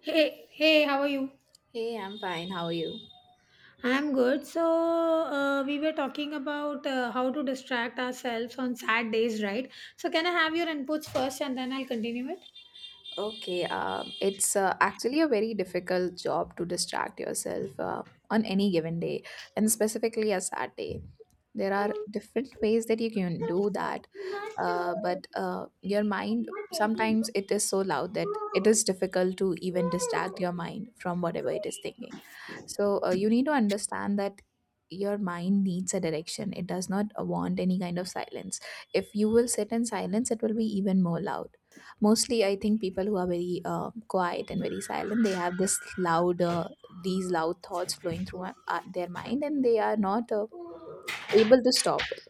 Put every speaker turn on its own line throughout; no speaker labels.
Hey, hey, how are you?
Hey, I'm fine. How are you?
I'm good. So we were talking about how to distract ourselves on sad days, right? So, can I have your inputs first and then I'll continue it?
Okay, it's actually a very difficult job to distract yourself on any given day, and specifically a Saturday. There are different ways that you can do that. But your mind sometimes it is so loud that it is difficult to even distract your mind from whatever it is thinking, so you need to understand that your mind needs a direction. It does not want any kind of silence. If you will sit in silence it will be even more loud. Mostly I think people who are very quiet and very silent, they have this louder, these loud thoughts flowing through their mind, and they are not able to stop it.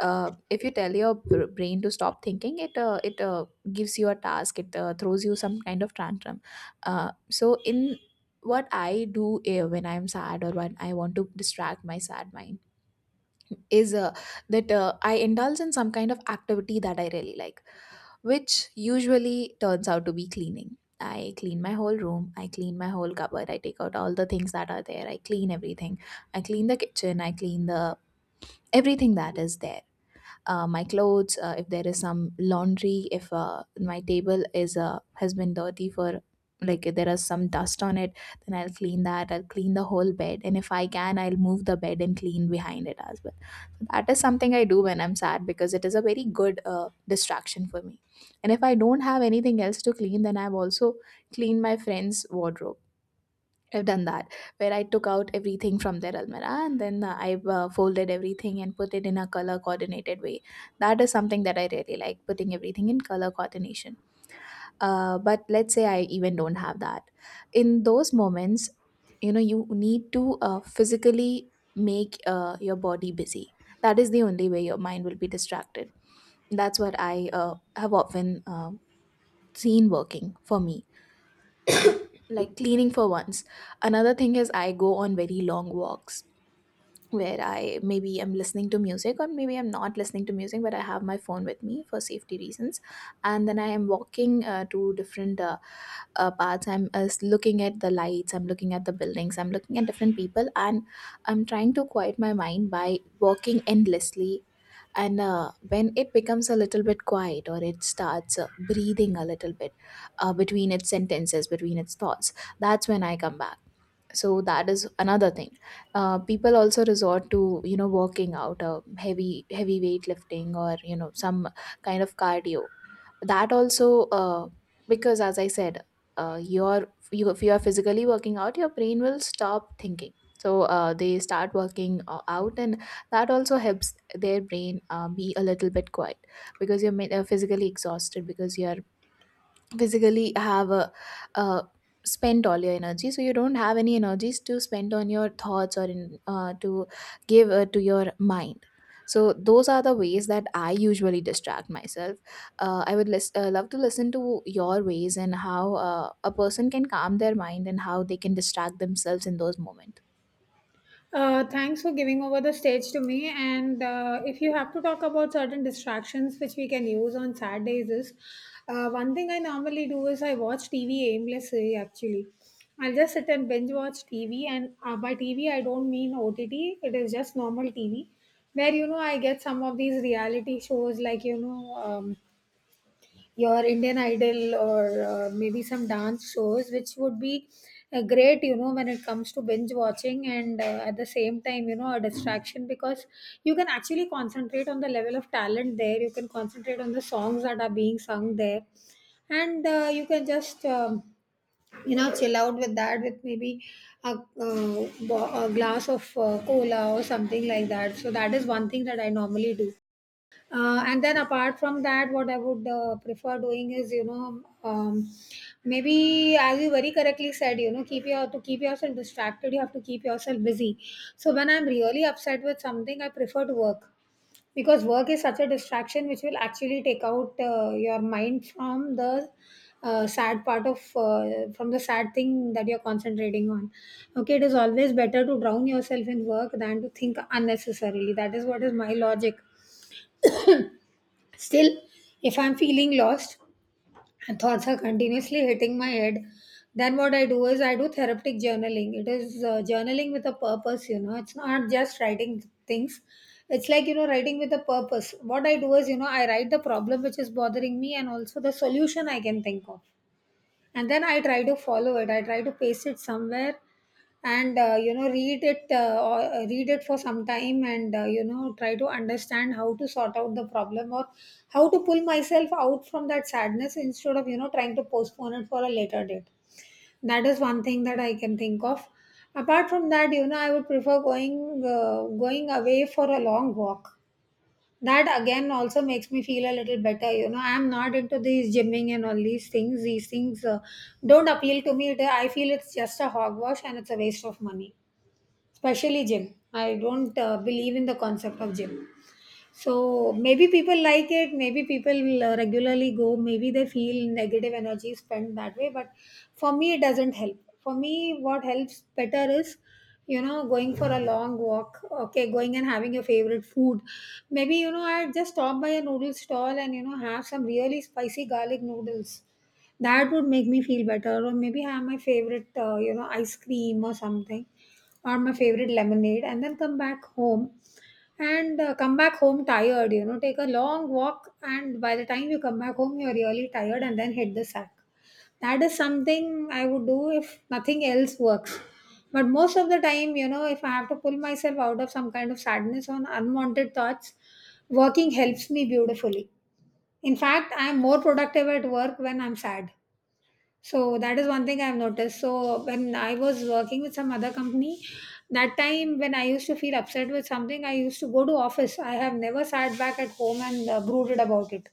If you tell your brain to stop thinking, it gives you a task. It throws you some kind of tantrum. So in what I do when I'm sad or when I want to distract my sad mind is that I indulge in some kind of activity that I really like, which usually turns out to be cleaning. I clean my whole room, I clean my whole cupboard, I take out all the things that are there, I clean everything. I clean the kitchen, I clean the everything that is there, my clothes, if there is some laundry, if my table is has been dirty for, like, if there is some dust on it, then I'll clean that. I'll clean the whole bed, and if I can, I'll move the bed and clean behind it as well. So that is something I do when I'm sad, because it is a very good distraction for me. And if I don't have anything else to clean, then I've also cleaned my friend's wardrobe. I've done that, where I took out everything from their almirah and then I've folded everything and put it in a color coordinated way. That is something that I really like, putting everything in color coordination. But let's say I even don't have that. In those moments, you know, you need to physically make your body busy. That is the only way your mind will be distracted. That's what I have often seen working for me, like cleaning, for once. Another thing is I go on very long walks, where I maybe I'm listening to music or maybe I'm not listening to music, but I have my phone with me for safety reasons, and then I am walking to different paths. I'm looking at the lights, I'm looking at the buildings, I'm looking at different people, and I'm trying to quiet my mind by walking endlessly. And when it becomes a little bit quiet or it starts breathing a little bit between its sentences, between its thoughts, that's when I come back. So that is another thing. People also resort to, you know, working out, heavy heavy weight lifting, or, you know, some kind of cardio. That also because, as I said, if you are physically working out your brain will stop thinking, so they start working out, and that also helps their brain be a little bit quiet, because you're physically exhausted, because you're physically have a, uh, spent all your energy, so you don't have any energies to spend on your thoughts or in to give to your mind. So those are the ways that I usually distract myself. I would love to listen to your ways and how a person can calm their mind and how they can distract themselves in those moments.
Thanks for giving over the stage to me. And if you have to talk about certain distractions which we can use on sad days, is one thing I normally do is I watch TV aimlessly. Actually, I'll just sit and binge watch TV. And by TV, I don't mean OTT. It is just normal TV, where you know I get some of these reality shows like you know. Your Indian Idol or maybe some dance shows, which would be great, you know, when it comes to binge watching and at the same time, you know, a distraction because you can actually concentrate on the level of talent there. You can concentrate on the songs that are being sung there, and uh, you can just, you know, chill out with that with maybe a glass of cola or something like that. So, that is one thing that I normally do. And then apart from that, what I would prefer doing is, you know, maybe as you very correctly said, you know, keep your to keep yourself distracted, you have to keep yourself busy. So when I'm really upset with something, I prefer to work because work is such a distraction which will actually take out your mind from the uh, sad part of from the sad thing that you're concentrating on. Okay, it is always better to drown yourself in work than to think unnecessarily. That is what is my logic. Still, if I'm feeling lost and thoughts are continuously hitting my head, then what I do is I do therapeutic journaling. It is journaling with a purpose, you know. It's not just writing things. It's like, you know, writing with a purpose. What I do is, you know, I write the problem which is bothering me and also the solution I can think of, and then I try to follow it. I try to paste it somewhere and you know read it or read it for some time and you know try to understand how to sort out the problem or how to pull myself out from that sadness instead of you know trying to postpone it for a later date. That is one thing that I can think of. Apart from that, you know, I would prefer going away for a long walk. That again also makes me feel a little better. You know, I'm not into these gymming and all these things. These things don't appeal to me. I feel it's just a hogwash and it's a waste of money. Especially gym, I don't believe in the concept of gym. So maybe people like it, maybe people regularly go, maybe they feel negative energy spent that way. But for me, it doesn't help. For me, what helps better is, you know, going for a long walk, okay, going and having your favorite food. Maybe, you know, I just stop by a noodle stall and, you know, have some really spicy garlic noodles. That would make me feel better. Or maybe have my favorite, you know, ice cream or something, or my favorite lemonade, and then come back home and come back home tired. You know, take a long walk and by the time you come back home you're really tired and then hit the sack. That is something I would do if nothing else works. But most of the time, you know, if I have to pull myself out of some kind of sadness on unwanted thoughts, working helps me beautifully. In fact, I'm more productive at work when I'm sad. So that is one thing I've noticed. So when I was working with some other company, that time when I used to feel upset with something, I used to go to office. I have never sat back at home and brooded about it.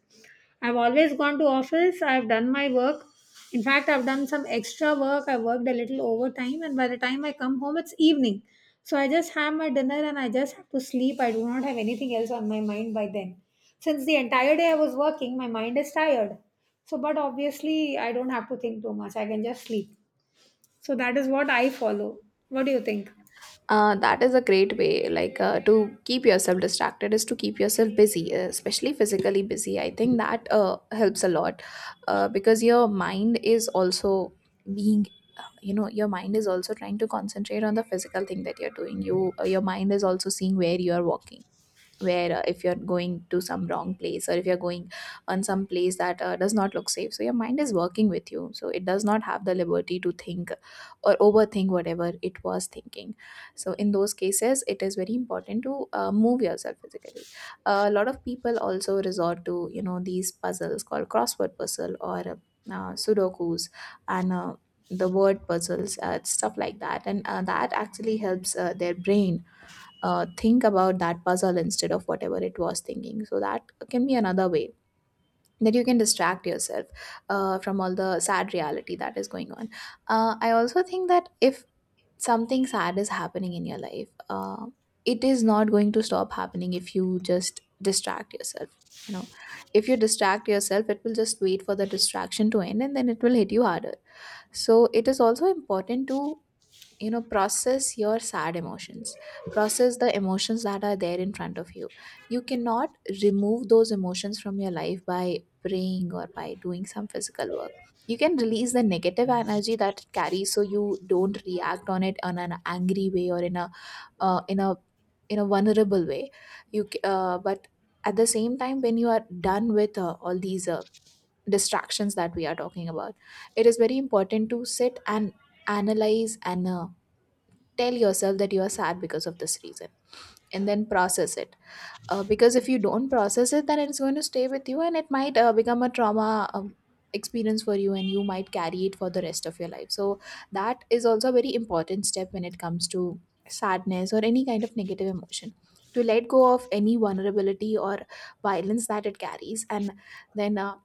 I've always gone to office. I've done my work. In fact, I've done some extra work. I worked a little overtime, and by the time I come home, it's evening. So I just have my dinner and I just have to sleep. I do not have anything else on my mind by then. Since the entire day I was working, my mind is tired. So, but obviously, I don't have to think too much. I can just sleep. So that is what I follow. What do you think?
That is a great way, like, to keep yourself distracted is to keep yourself busy, especially physically busy. I think that helps a lot, because your mind is also being, you know, your mind is also trying to concentrate on the physical thing that you're doing. Your mind is also seeing where you are walking, where if you're going to some wrong place or if you're going on some place that does not look safe, so your mind is working with you, so it does not have the liberty to think or overthink whatever it was thinking. So in those cases it is very important to move yourself physically. A lot of people also resort to, you know, these puzzles called crossword puzzle, or sudokus, and the word puzzles, stuff like that, and that actually helps their brain think about that puzzle instead of whatever it was thinking. So that can be another way that you can distract yourself from all the sad reality that is going on. I also think that if something sad is happening in your life, it is not going to stop happening if you just distract yourself. You know, if you distract yourself, it will just wait for the distraction to end and then it will hit you harder. So it is also important to, you know, process your sad emotions, process the emotions that are there in front of you. You cannot remove those emotions from your life by praying or by doing some physical work. You can release the negative energy that it carries so you don't react on it on an angry way or in a uh, in a in a vulnerable way. But at the same time when you are done with all these distractions that we are talking about, it is very important to sit and analyze and tell yourself that you are sad because of this reason, and then process it. Because if you don't process it then it's going to stay with you, and it might become a trauma experience for you, and you might carry it for the rest of your life. So that is also a very important step when it comes to sadness or any kind of negative emotion, to let go of any vulnerability or violence that it carries, and then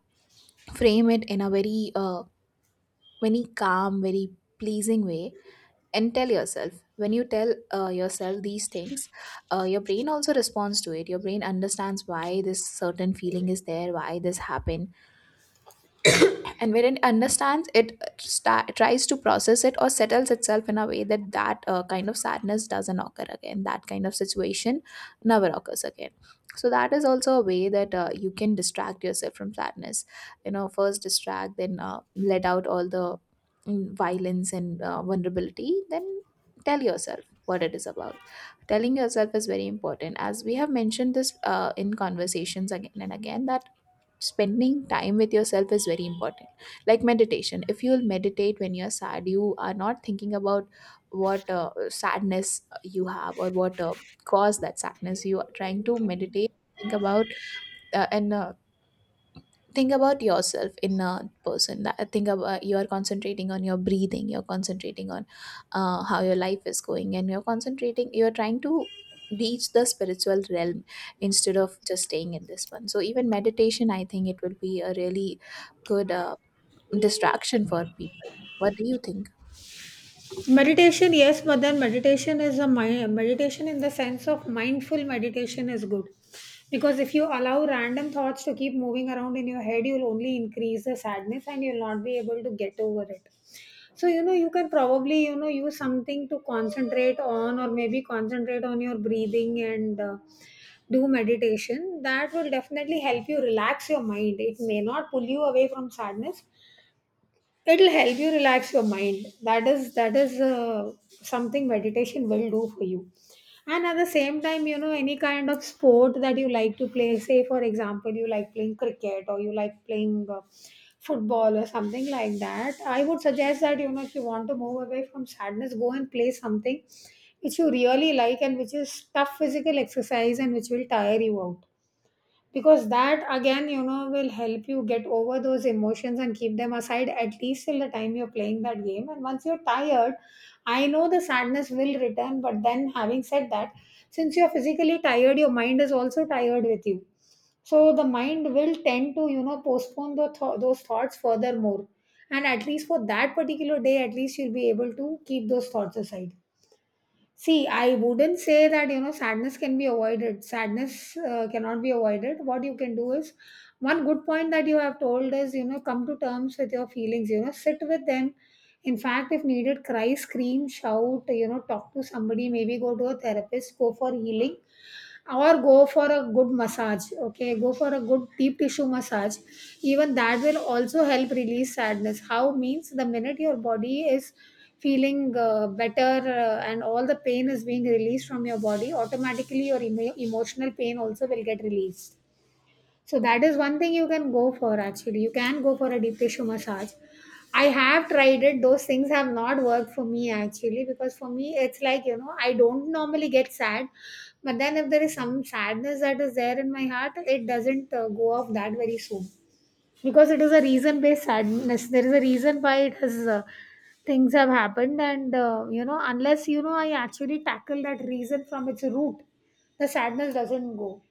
frame it in a very very calm, very pleasing way. And tell yourself, when you tell yourself these things, your brain also responds to it. Your brain understands why this certain feeling is there, why this happened, and when it understands it tries to process it or settles itself in a way that that kind of sadness doesn't occur again, that kind of situation never occurs again. So that is also a way that you can distract yourself from sadness. You know, first distract, then let out all the mm, violence and vulnerability, then tell yourself what it is about. Telling yourself is very important, as we have mentioned this in conversations again and again, that spending time with yourself is very important. Like meditation, if you'll meditate when you're sad you are not thinking about what sadness you have or what caused that sadness. You are trying to meditate, think about and think about yourself in a person, that think about, you are concentrating on your breathing, you're concentrating on how your life is going, and you're concentrating, you're trying to reach the spiritual realm instead of just staying in this one. So even meditation, I think it will be a really good distraction for people. What do you think?
Meditation, yes, but then meditation is a meditation in the sense of mindful meditation is good, because if you allow random thoughts to keep moving around in your head, you'll only increase the sadness and you'll not be able to get over it. So, you know, you can probably, you know, use something to concentrate on or maybe concentrate on your breathing and do meditation. That will definitely help you relax your mind. It may not pull you away from sadness, it'll help you relax your mind. That is something meditation will do for you. And at the same time, you know, any kind of sport that you like to play, say for example you like playing cricket or you like playing football or something like that, I would suggest that, you know, if you want to move away from sadness, go and play something which you really like and which is tough physical exercise and which will tire you out, because that again, you know, will help you get over those emotions and keep them aside at least till the time you're playing that game. And once you're tired, I know the sadness will return, but then having said that, since you're physically tired, your mind is also tired with you. So the mind will tend to you know postpone the those thoughts furthermore, and at least for that particular day at least you'll be able to keep those thoughts aside. See, I wouldn't say that you know sadness can be avoided. Sadness cannot be avoided. What you can do is, one good point that you have told is you know come to terms with your feelings. You know sit with them. In fact, if needed, cry, scream, shout. You know talk to somebody. Maybe go to a therapist. Go for healing or go for a good massage. Okay, go for a good deep tissue massage. Even that will also help release sadness. How means the minute your body is feeling better and all the pain is being released from your body, automatically your emotional pain also will get released. So that is one thing you can go for actually. You can go for a deep tissue massage. I have tried it. Those things have not worked for me actually because for me it's like, you know, I don't normally get sad. But then if there is some sadness that is there in my heart, it doesn't go off that very soon. Because it is a reason based sadness. There is a reason why it has things have happened and you know unless you know I actually tackle that reason from its root, the sadness doesn't go.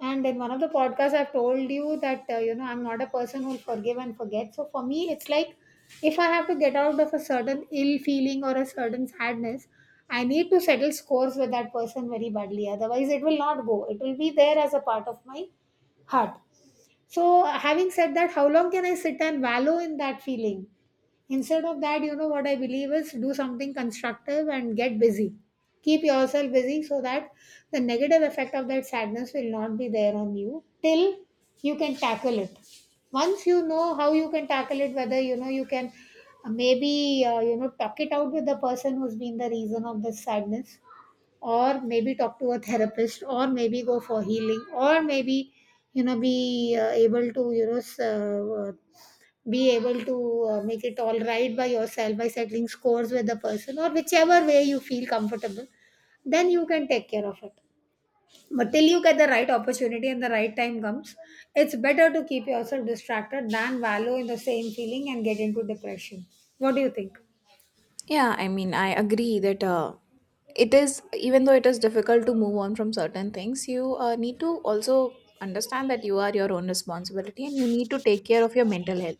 And in one of the podcasts, I've told you that, you know, I'm not a person who'll forgive and forget. So for me, it's like if I have to get out of a certain ill feeling or a certain sadness, I need to settle scores with that person very badly. Otherwise, it will not go. It will be there as a part of my heart. So, having said that, how long can I sit and wallow in that feeling? Instead of that, you know what I believe is do something constructive and get busy. Keep yourself busy so that the negative effect of that sadness will not be there on you till you can tackle it. Once you know how you can tackle it, whether you know you can maybe you know talk it out with the person who's been the reason of this sadness, or maybe talk to a therapist, or maybe go for healing, or maybe you know be able to make it all right by yourself by settling scores with the person or whichever way you feel comfortable, then you can take care of it. But till you get the right opportunity and the right time comes, it's better to keep yourself distracted than wallow in the same feeling and get into depression. What do you think?
Yeah, I mean, I agree that it is, even though it is difficult to move on from certain things, you need to also understand that you are your own responsibility and you need to take care of your mental health.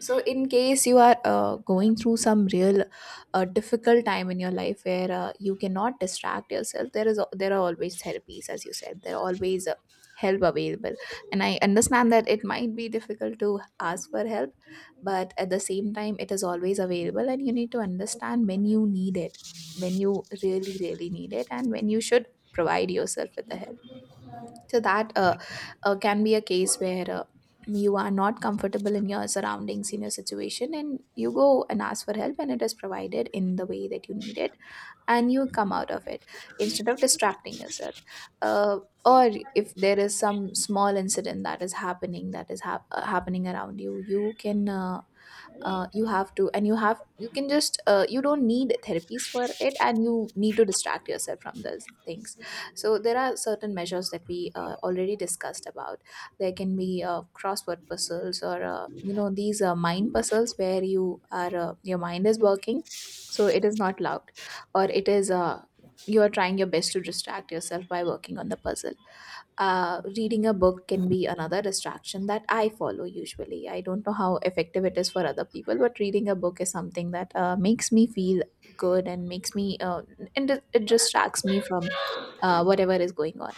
So, in case you are going through some real difficult time in your life where you cannot distract yourself, there are always therapies, as you said. There are always help available. And I understand that it might be difficult to ask for help, but at the same time, it is always available, and you need to understand when you need it, when you really really need it, and when you should provide yourself with the help so that can be a case where you are not comfortable in your surroundings, in your situation, and you go and ask for help, and it is provided in the way that you need it, and you come out of it instead of distracting yourself. Uh, or if there is some small incident that is happening, that is happening around you, you can you have to, and you have, you can just, you don't need therapies for it, and you need to distract yourself from those things. So there are certain measures that we already discussed about. There can be crossword puzzles, or you know, these mind puzzles where your mind is working, so it is not loud, or it is you are trying your best to distract yourself by working on the puzzle. Reading a book can be another distraction that I follow usually. I don't know how effective it is for other people, but reading a book is something that makes me feel good, and makes me, and it distracts me from whatever is going on.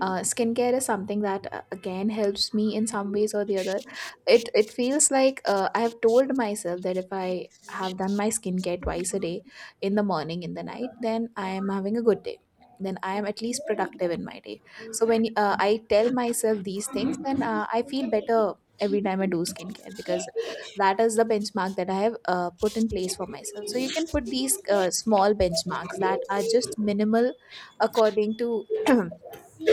Skincare is something that again helps me in some ways or the other. It feels like I have told myself that if I have done my skincare twice a day, in the morning, in the night, then I am having a good day. Then I am at least productive in my day. So when I tell myself these things, then I feel better every time I do skincare, because that is the benchmark that I have put in place for myself. So you can put these small benchmarks that are just minimal according to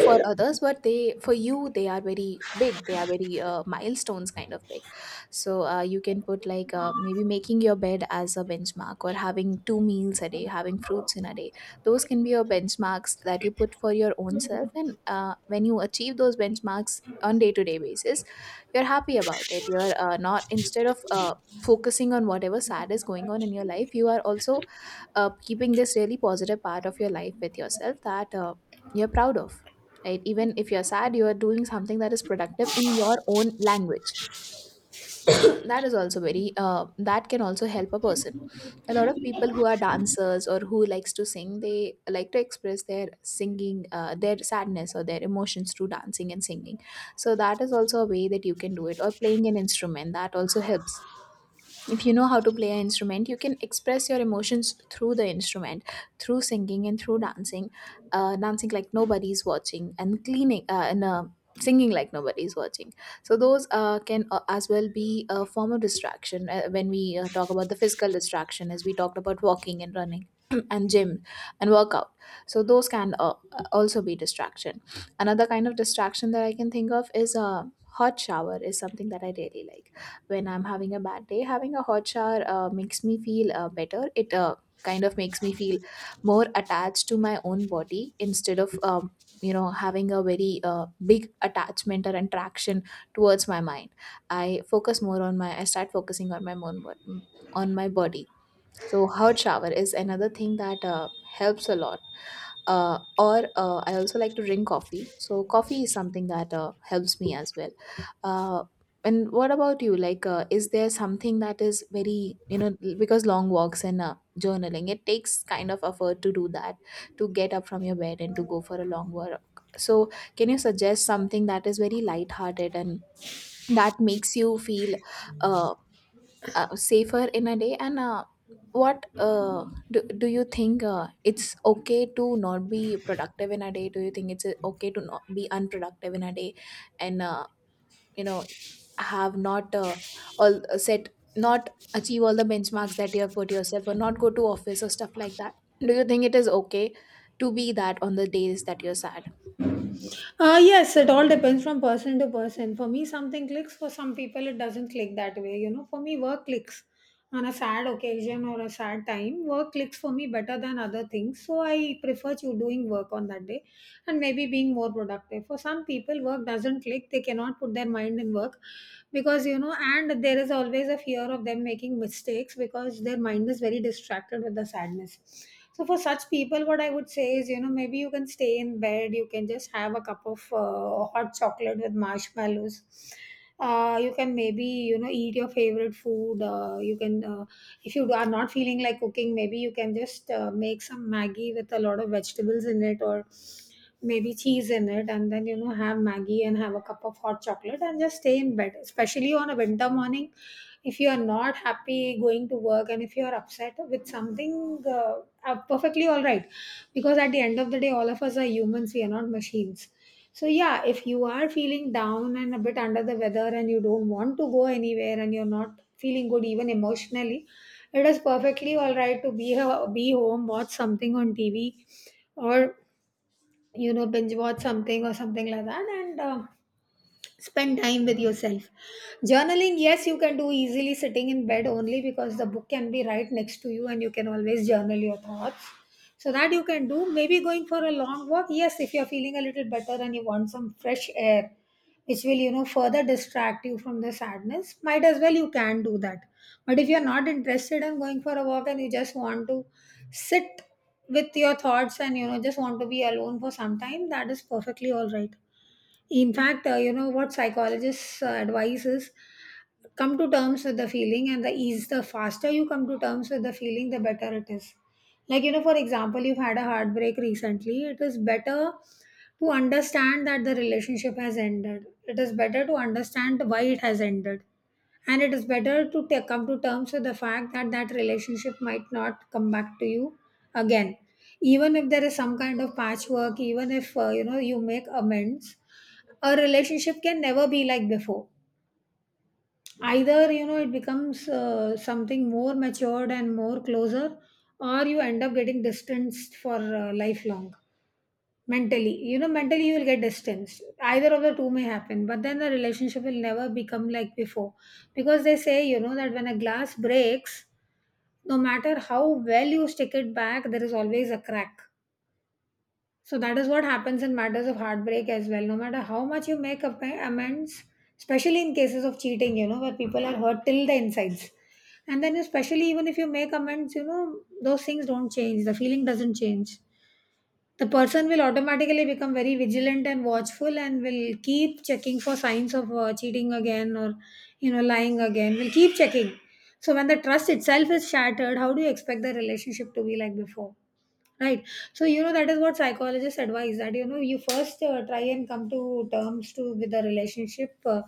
for others, but they for you they are very big, they are very milestones kind of big. So you can put, like, maybe making your bed as a benchmark, or having two meals a day, having fruits in a day. Those can be your benchmarks that you put for your own self, and when you achieve those benchmarks on day to day basis, you're happy about it. You're not, instead of focusing on whatever sad is going on in your life, you are also keeping this really positive part of your life with yourself that you're proud of, right? Even if you're sad, you are doing something that is productive in your own language. That is also very, that can also help a person. A lot of people who are dancers or who likes to sing, they like to express their singing their sadness or their emotions through dancing and singing. So that is also a way that you can do it, or playing an instrument, that also helps. If you know how to play an instrument, you can express your emotions through the instrument, through singing and through dancing. Dancing like nobody's watching, and cleaning, and singing like nobody's watching. So those can as well be a form of distraction when we talk about the physical distraction, as we talked about walking and running and gym and workout. So those can also be distraction. Another kind of distraction that I can think of is a hot shower is something that I really like. When I'm having a bad day, having a hot shower makes me feel better. It kind of makes me feel more attached to my own body instead of, having a very big attachment or attraction towards my mind. I focus more on I start focusing on my own, on my body. So hot shower is another thing that helps a lot. Or I also like to drink coffee. So coffee is something that helps me as well. Uh, and what about you? Like, is there something that is very, you know, because long walks and journaling, it takes kind of effort to do that, to get up from your bed and to go for a long walk. So, can you suggest something that is very lighthearted and that makes you feel uh, safer in a day? And what do you think it's okay to not be productive in a day? Do you think it's okay to not be unproductive in a day? And you know, have not all set, not achieve all the benchmarks that you have put yourself, or not go to office or stuff like that, do you think it is okay to be that on the days that you're sad?
Yes, it all depends from person to person. For me, something clicks. For some people, it doesn't click that way. You know, for me, work clicks on a sad occasion or a sad time. Work clicks for me better than other things. So I prefer to doing work on that day and maybe being more productive. For some people, work doesn't click. They cannot put their mind in work because, you know, and there is always a fear of them making mistakes because their mind is very distracted with the sadness. So for such people, what I would say is, you know, maybe you can stay in bed. You can just have a cup of hot chocolate with marshmallows. You can maybe you know eat your favorite food. If you are not feeling like cooking, maybe you can just make some Maggie with a lot of vegetables in it, or maybe cheese in it, and then you know have Maggie and have a cup of hot chocolate and just stay in bed. Especially on a winter morning, if you are not happy going to work and if you are upset with something, perfectly all right, because at the end of the day all of us are humans, we are not machines. So yeah, if you are feeling down and a bit under the weather and you don't want to go anywhere and you're not feeling good even emotionally, it is perfectly all right to be home, watch something on tv or you know binge watch something or something like that and spend time with yourself. Journaling, yes, you can do easily sitting in bed only, because the book can be right next to you and you can always journal your thoughts. So that you can do. Maybe going for a long walk, yes, if you're feeling a little better and you want some fresh air, which will you know further distract you from the sadness, might as well you can do that. But if you're not interested in going for a walk and you just want to sit with your thoughts and you know just want to be alone for some time, that is perfectly all right. In fact, you know what psychologists advise is come to terms with the feeling, and the ease, the faster you come to terms with the feeling, the better it is. Like, you know, for example, you've had a heartbreak recently, it is better to understand that the relationship has ended, it is better to understand why it has ended, and it is better to come to terms with the fact that that relationship might not come back to you again. Even if there is some kind of patchwork, even if you know you make amends, a relationship can never be like before. Either you know it becomes something more matured and more closer, or you end up getting distanced for lifelong. Mentally, you know, mentally you will get distanced, either of the two may happen, but then the relationship will never become like before. Because they say, you know, that when a glass breaks, no matter how well you stick it back, there is always a crack. So that is what happens in matters of heartbreak as well, no matter how much you make amends, especially in cases of cheating, you know, where people are hurt till the insides. And then especially even if you make amends, you know those things don't change, the feeling doesn't change. The person will automatically become very vigilant and watchful and will keep checking for signs of cheating again or you know lying again, will keep checking. So when the trust itself is shattered, how do you expect the relationship to be like before? Right. So, you know, that is what psychologists advise, that, you know, you first try and come to terms to with the relationship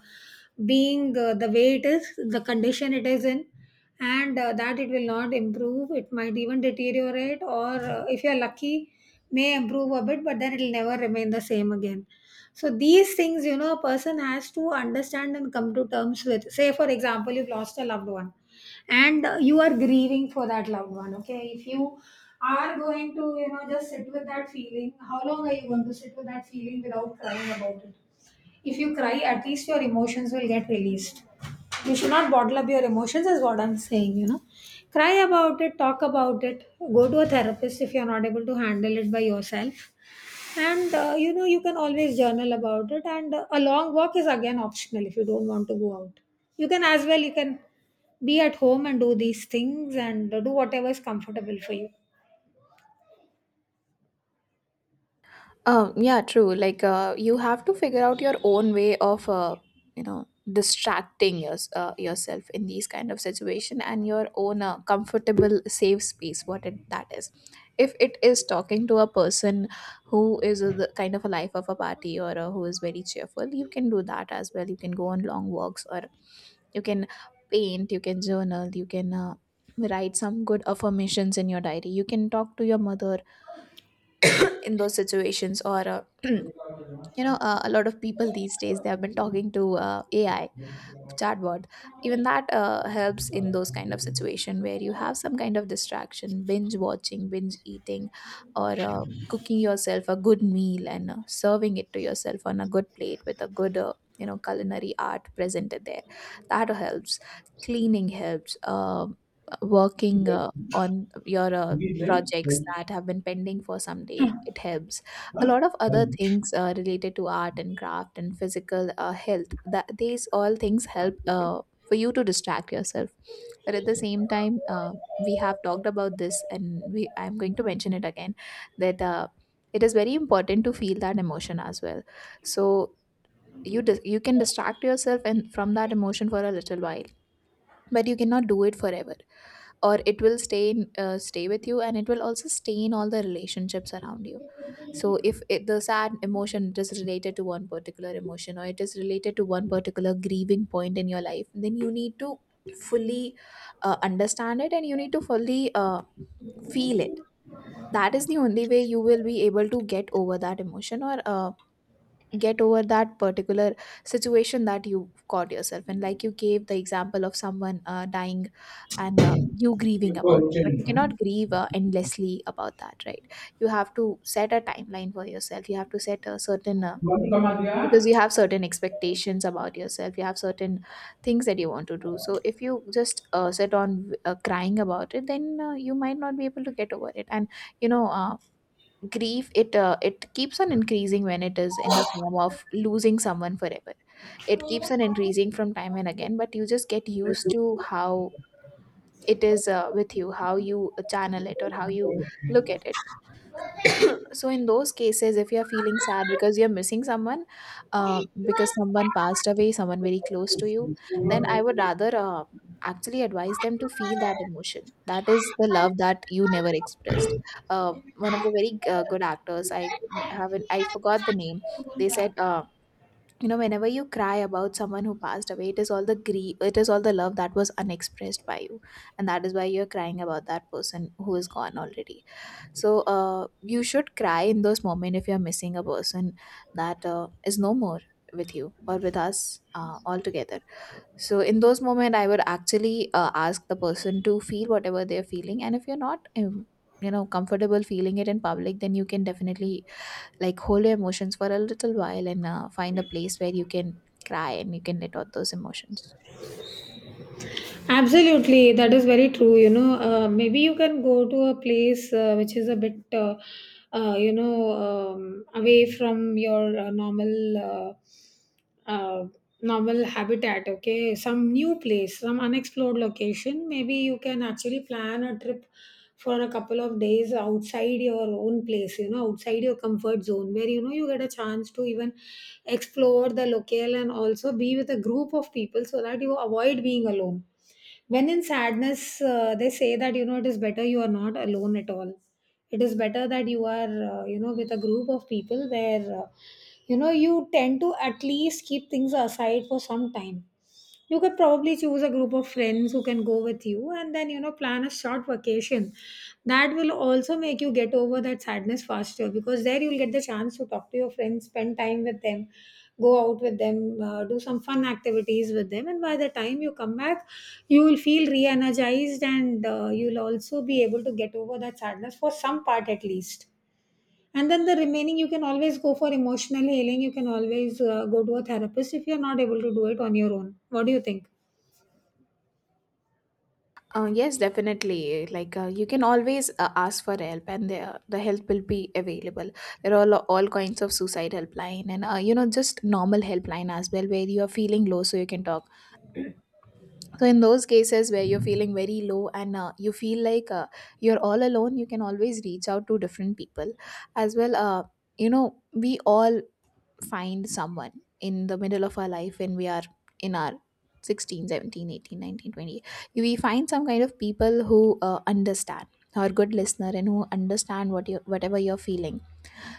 being the way it is, the condition it is in, and that it will not improve. It might even deteriorate, or if you're lucky, may improve a bit, but then it'll never remain the same again. So, these things, you know, a person has to understand and come to terms with. Say, for example, you've lost a loved one and you are grieving for that loved one. Okay, if you are going to, you know, just sit with that feeling, how long are you going to sit with that feeling without crying about it? If you cry, at least your emotions will get released. You should not bottle up your emotions is what I'm saying, you know. Cry about it, talk about it, go to a therapist if you're not able to handle it by yourself. And you know you can always journal about it, and a long walk is again optional. If you don't want to go out, you can as well, you can be at home and do these things, and do whatever is comfortable for you.
Yeah, true. Like, you have to figure out your own way of, you know, distracting yourself in these kind of situation, and your own comfortable safe space. What it, that is, if it is talking to a person who is the kind of a life of a party, or who is very cheerful, you can do that as well. You can go on long walks, or you can paint. You can journal. You can. Write some good affirmations in your diary. You can talk to your mother in those situations, or uh, you know, a lot of people these days, they have been talking to AI chatbot. Even that helps in those kind of situation, where you have some kind of distraction, binge watching, binge eating, or cooking yourself a good meal and serving it to yourself on a good plate with a good, you know, culinary art presented there, that helps. Cleaning helps. Working on your projects that have been pending for some day, it helps. A lot of other things related to art and craft and physical health, that these all things help for you to distract yourself. But at the same time, we have talked about this, and we I'm going to mention it again, that it is very important to feel that emotion as well. So you can distract yourself and from that emotion for a little while, but you cannot do it forever, or it will stay with you, and it will also stain all the relationships around you. So if it, the sad emotion is related to one particular emotion, or it is related to one particular grieving point in your life, then you need to fully understand it, and you need to fully feel it. That is the only way you will be able to get over that emotion, or get over that particular situation that you caught yourself in, like you gave the example of someone dying, and you grieving about it. But you cannot grieve endlessly about that, right? You have to set a timeline for yourself, you have to set a certain, because you have certain expectations about yourself, you have certain things that you want to do. So if you just sit on crying about it, then you might not be able to get over it, and you know, grief it it keeps on increasing when it is in the form of losing someone forever. It keeps on increasing from time and again, but you just get used to how it is with you, how you channel it, or how you look at it. So in those cases, if you're feeling sad because you're missing someone, because someone passed away, someone very close to you, then I would rather actually advise them to feel that emotion, that is the love that you never expressed. Uh, one of the very good actors, I haven't I forgot the name. They said, you know, whenever you cry about someone who passed away, it is all the grief, it is all the love that was unexpressed by you, and that is why you're crying about that person who is gone already. So you should cry in those moments, if you're missing a person that is no more with you, or with us, altogether. So in those moments, I would actually ask the person to feel whatever they're feeling. And if you're not you know, comfortable feeling it in public, then you can definitely, like, hold your emotions for a little while, and find a place where you can cry and you can let out those emotions.
Absolutely, that is very true. You know, maybe you can go to a place which is a bit away from your normal, uh, uh, normal habitat. Okay, some new place, some unexplored location. Maybe you can actually plan a trip for a couple of days outside your own place, you know, outside your comfort zone, where you know you get a chance to even explore the locale and also be with a group of people so that you avoid being alone. When in sadness, they say that you know it is better you are not alone at all. It is better that you are, you know, with a group of people where you know you tend to at least keep things aside for some time. You could probably choose a group of friends who can go with you and then, you know, plan a short vacation. That will also make you get over that sadness faster, because there you'll get the chance to talk to your friends, spend time with them, go out with them, do some fun activities with them. And by the time you come back, you will feel re energized, and you'll also be able to get over that sadness for some part at least. And then the remaining, you can always go for emotional healing. You can always go to a therapist if you're not able to do it on your own. What do you think?
Yes, definitely. Like, you can always ask for help, and the help will be available. There are all kinds of suicide helpline, and you know, just normal helpline as well, where you are feeling low, so you can talk. So in those cases where you're feeling very low and you feel like you're all alone, you can always reach out to different people, as well. You know, we all find someone in the middle of our life when we are in our 16, 17, 18, 19, 20. We find some kind of people who understand, who are good listener, and who understand whatever you're feeling.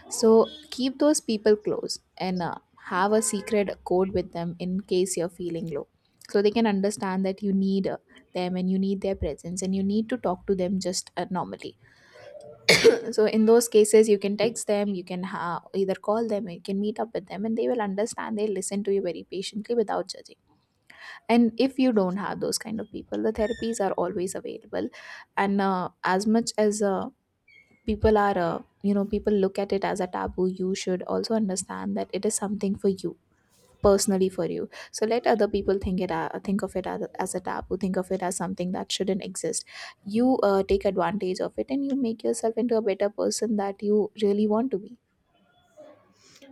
So keep those people close, and have a secret code with them, in case you're feeling low, so they can understand that you need them, and you need their presence, and you need to talk to them just normally. So in those cases, you can text them, you can either call them, you can meet up with them, and they will understand. They listen to you very patiently, without judging. And if you don't have those kind of people, the therapies are always available. And as much as people are you know, people look at it as a taboo, you should also understand that it is something for you, personally for you. So let other people think it think of it as a taboo, think of it as something that shouldn't exist. You take advantage of it, and you make yourself into a better person that you really want to be.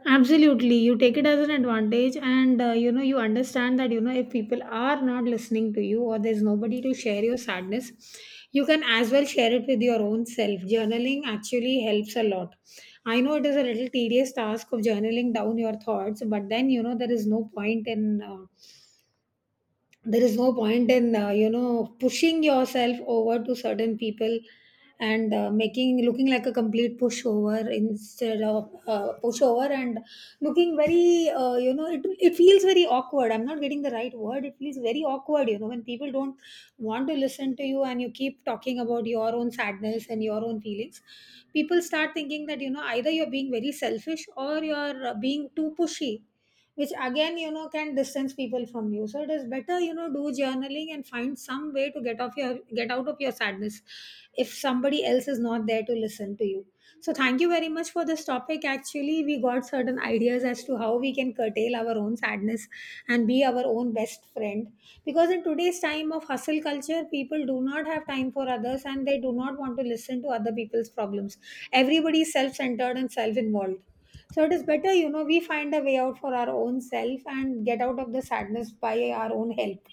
Absolutely. You take it as an advantage, and you know, you understand that, you know, if people are not listening to you or there's nobody to share your sadness, you can as well share it with your own self. Journaling actually helps a lot. I know it is a little tedious task of journaling down your thoughts, but then you know, there is no point in. There is no point in you know pushing yourself over to certain people and making, looking like a complete pushover, instead of pushover and looking very you know, it feels very awkward, I'm not getting the right word, it feels very awkward, you know, when people don't want to listen to you and you keep talking about your own sadness and your own feelings, people start thinking that you know either you're being very selfish or you're being too pushy, which again you know can distance people from you. So it is better, you know, do journaling and find some way to get out of your sadness if somebody else is not there to listen to you. So thank you very much for this topic, actually we got certain ideas as to how we can curtail our own sadness and be our own best friend, because in today's time of hustle culture, people do not have time for others and they do not want to listen to other people's problems. Everybody is self-centered and self-involved. So it is better, you know, we find a way out for our own self and get out of the sadness by our own help.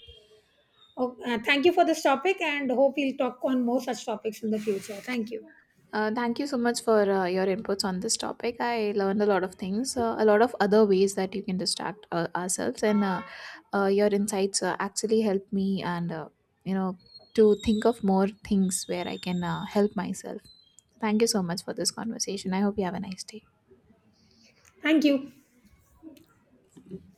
Oh, thank you for this topic and hope we'll talk on more such topics in the future. Thank you.
Thank you so much for your inputs on this topic. I learned a lot of things, a lot of other ways that you can distract ourselves, and your insights actually helped me, and you know, to think of more things where I can help myself. Thank you so much for this conversation. I hope you have a nice day.
Thank you.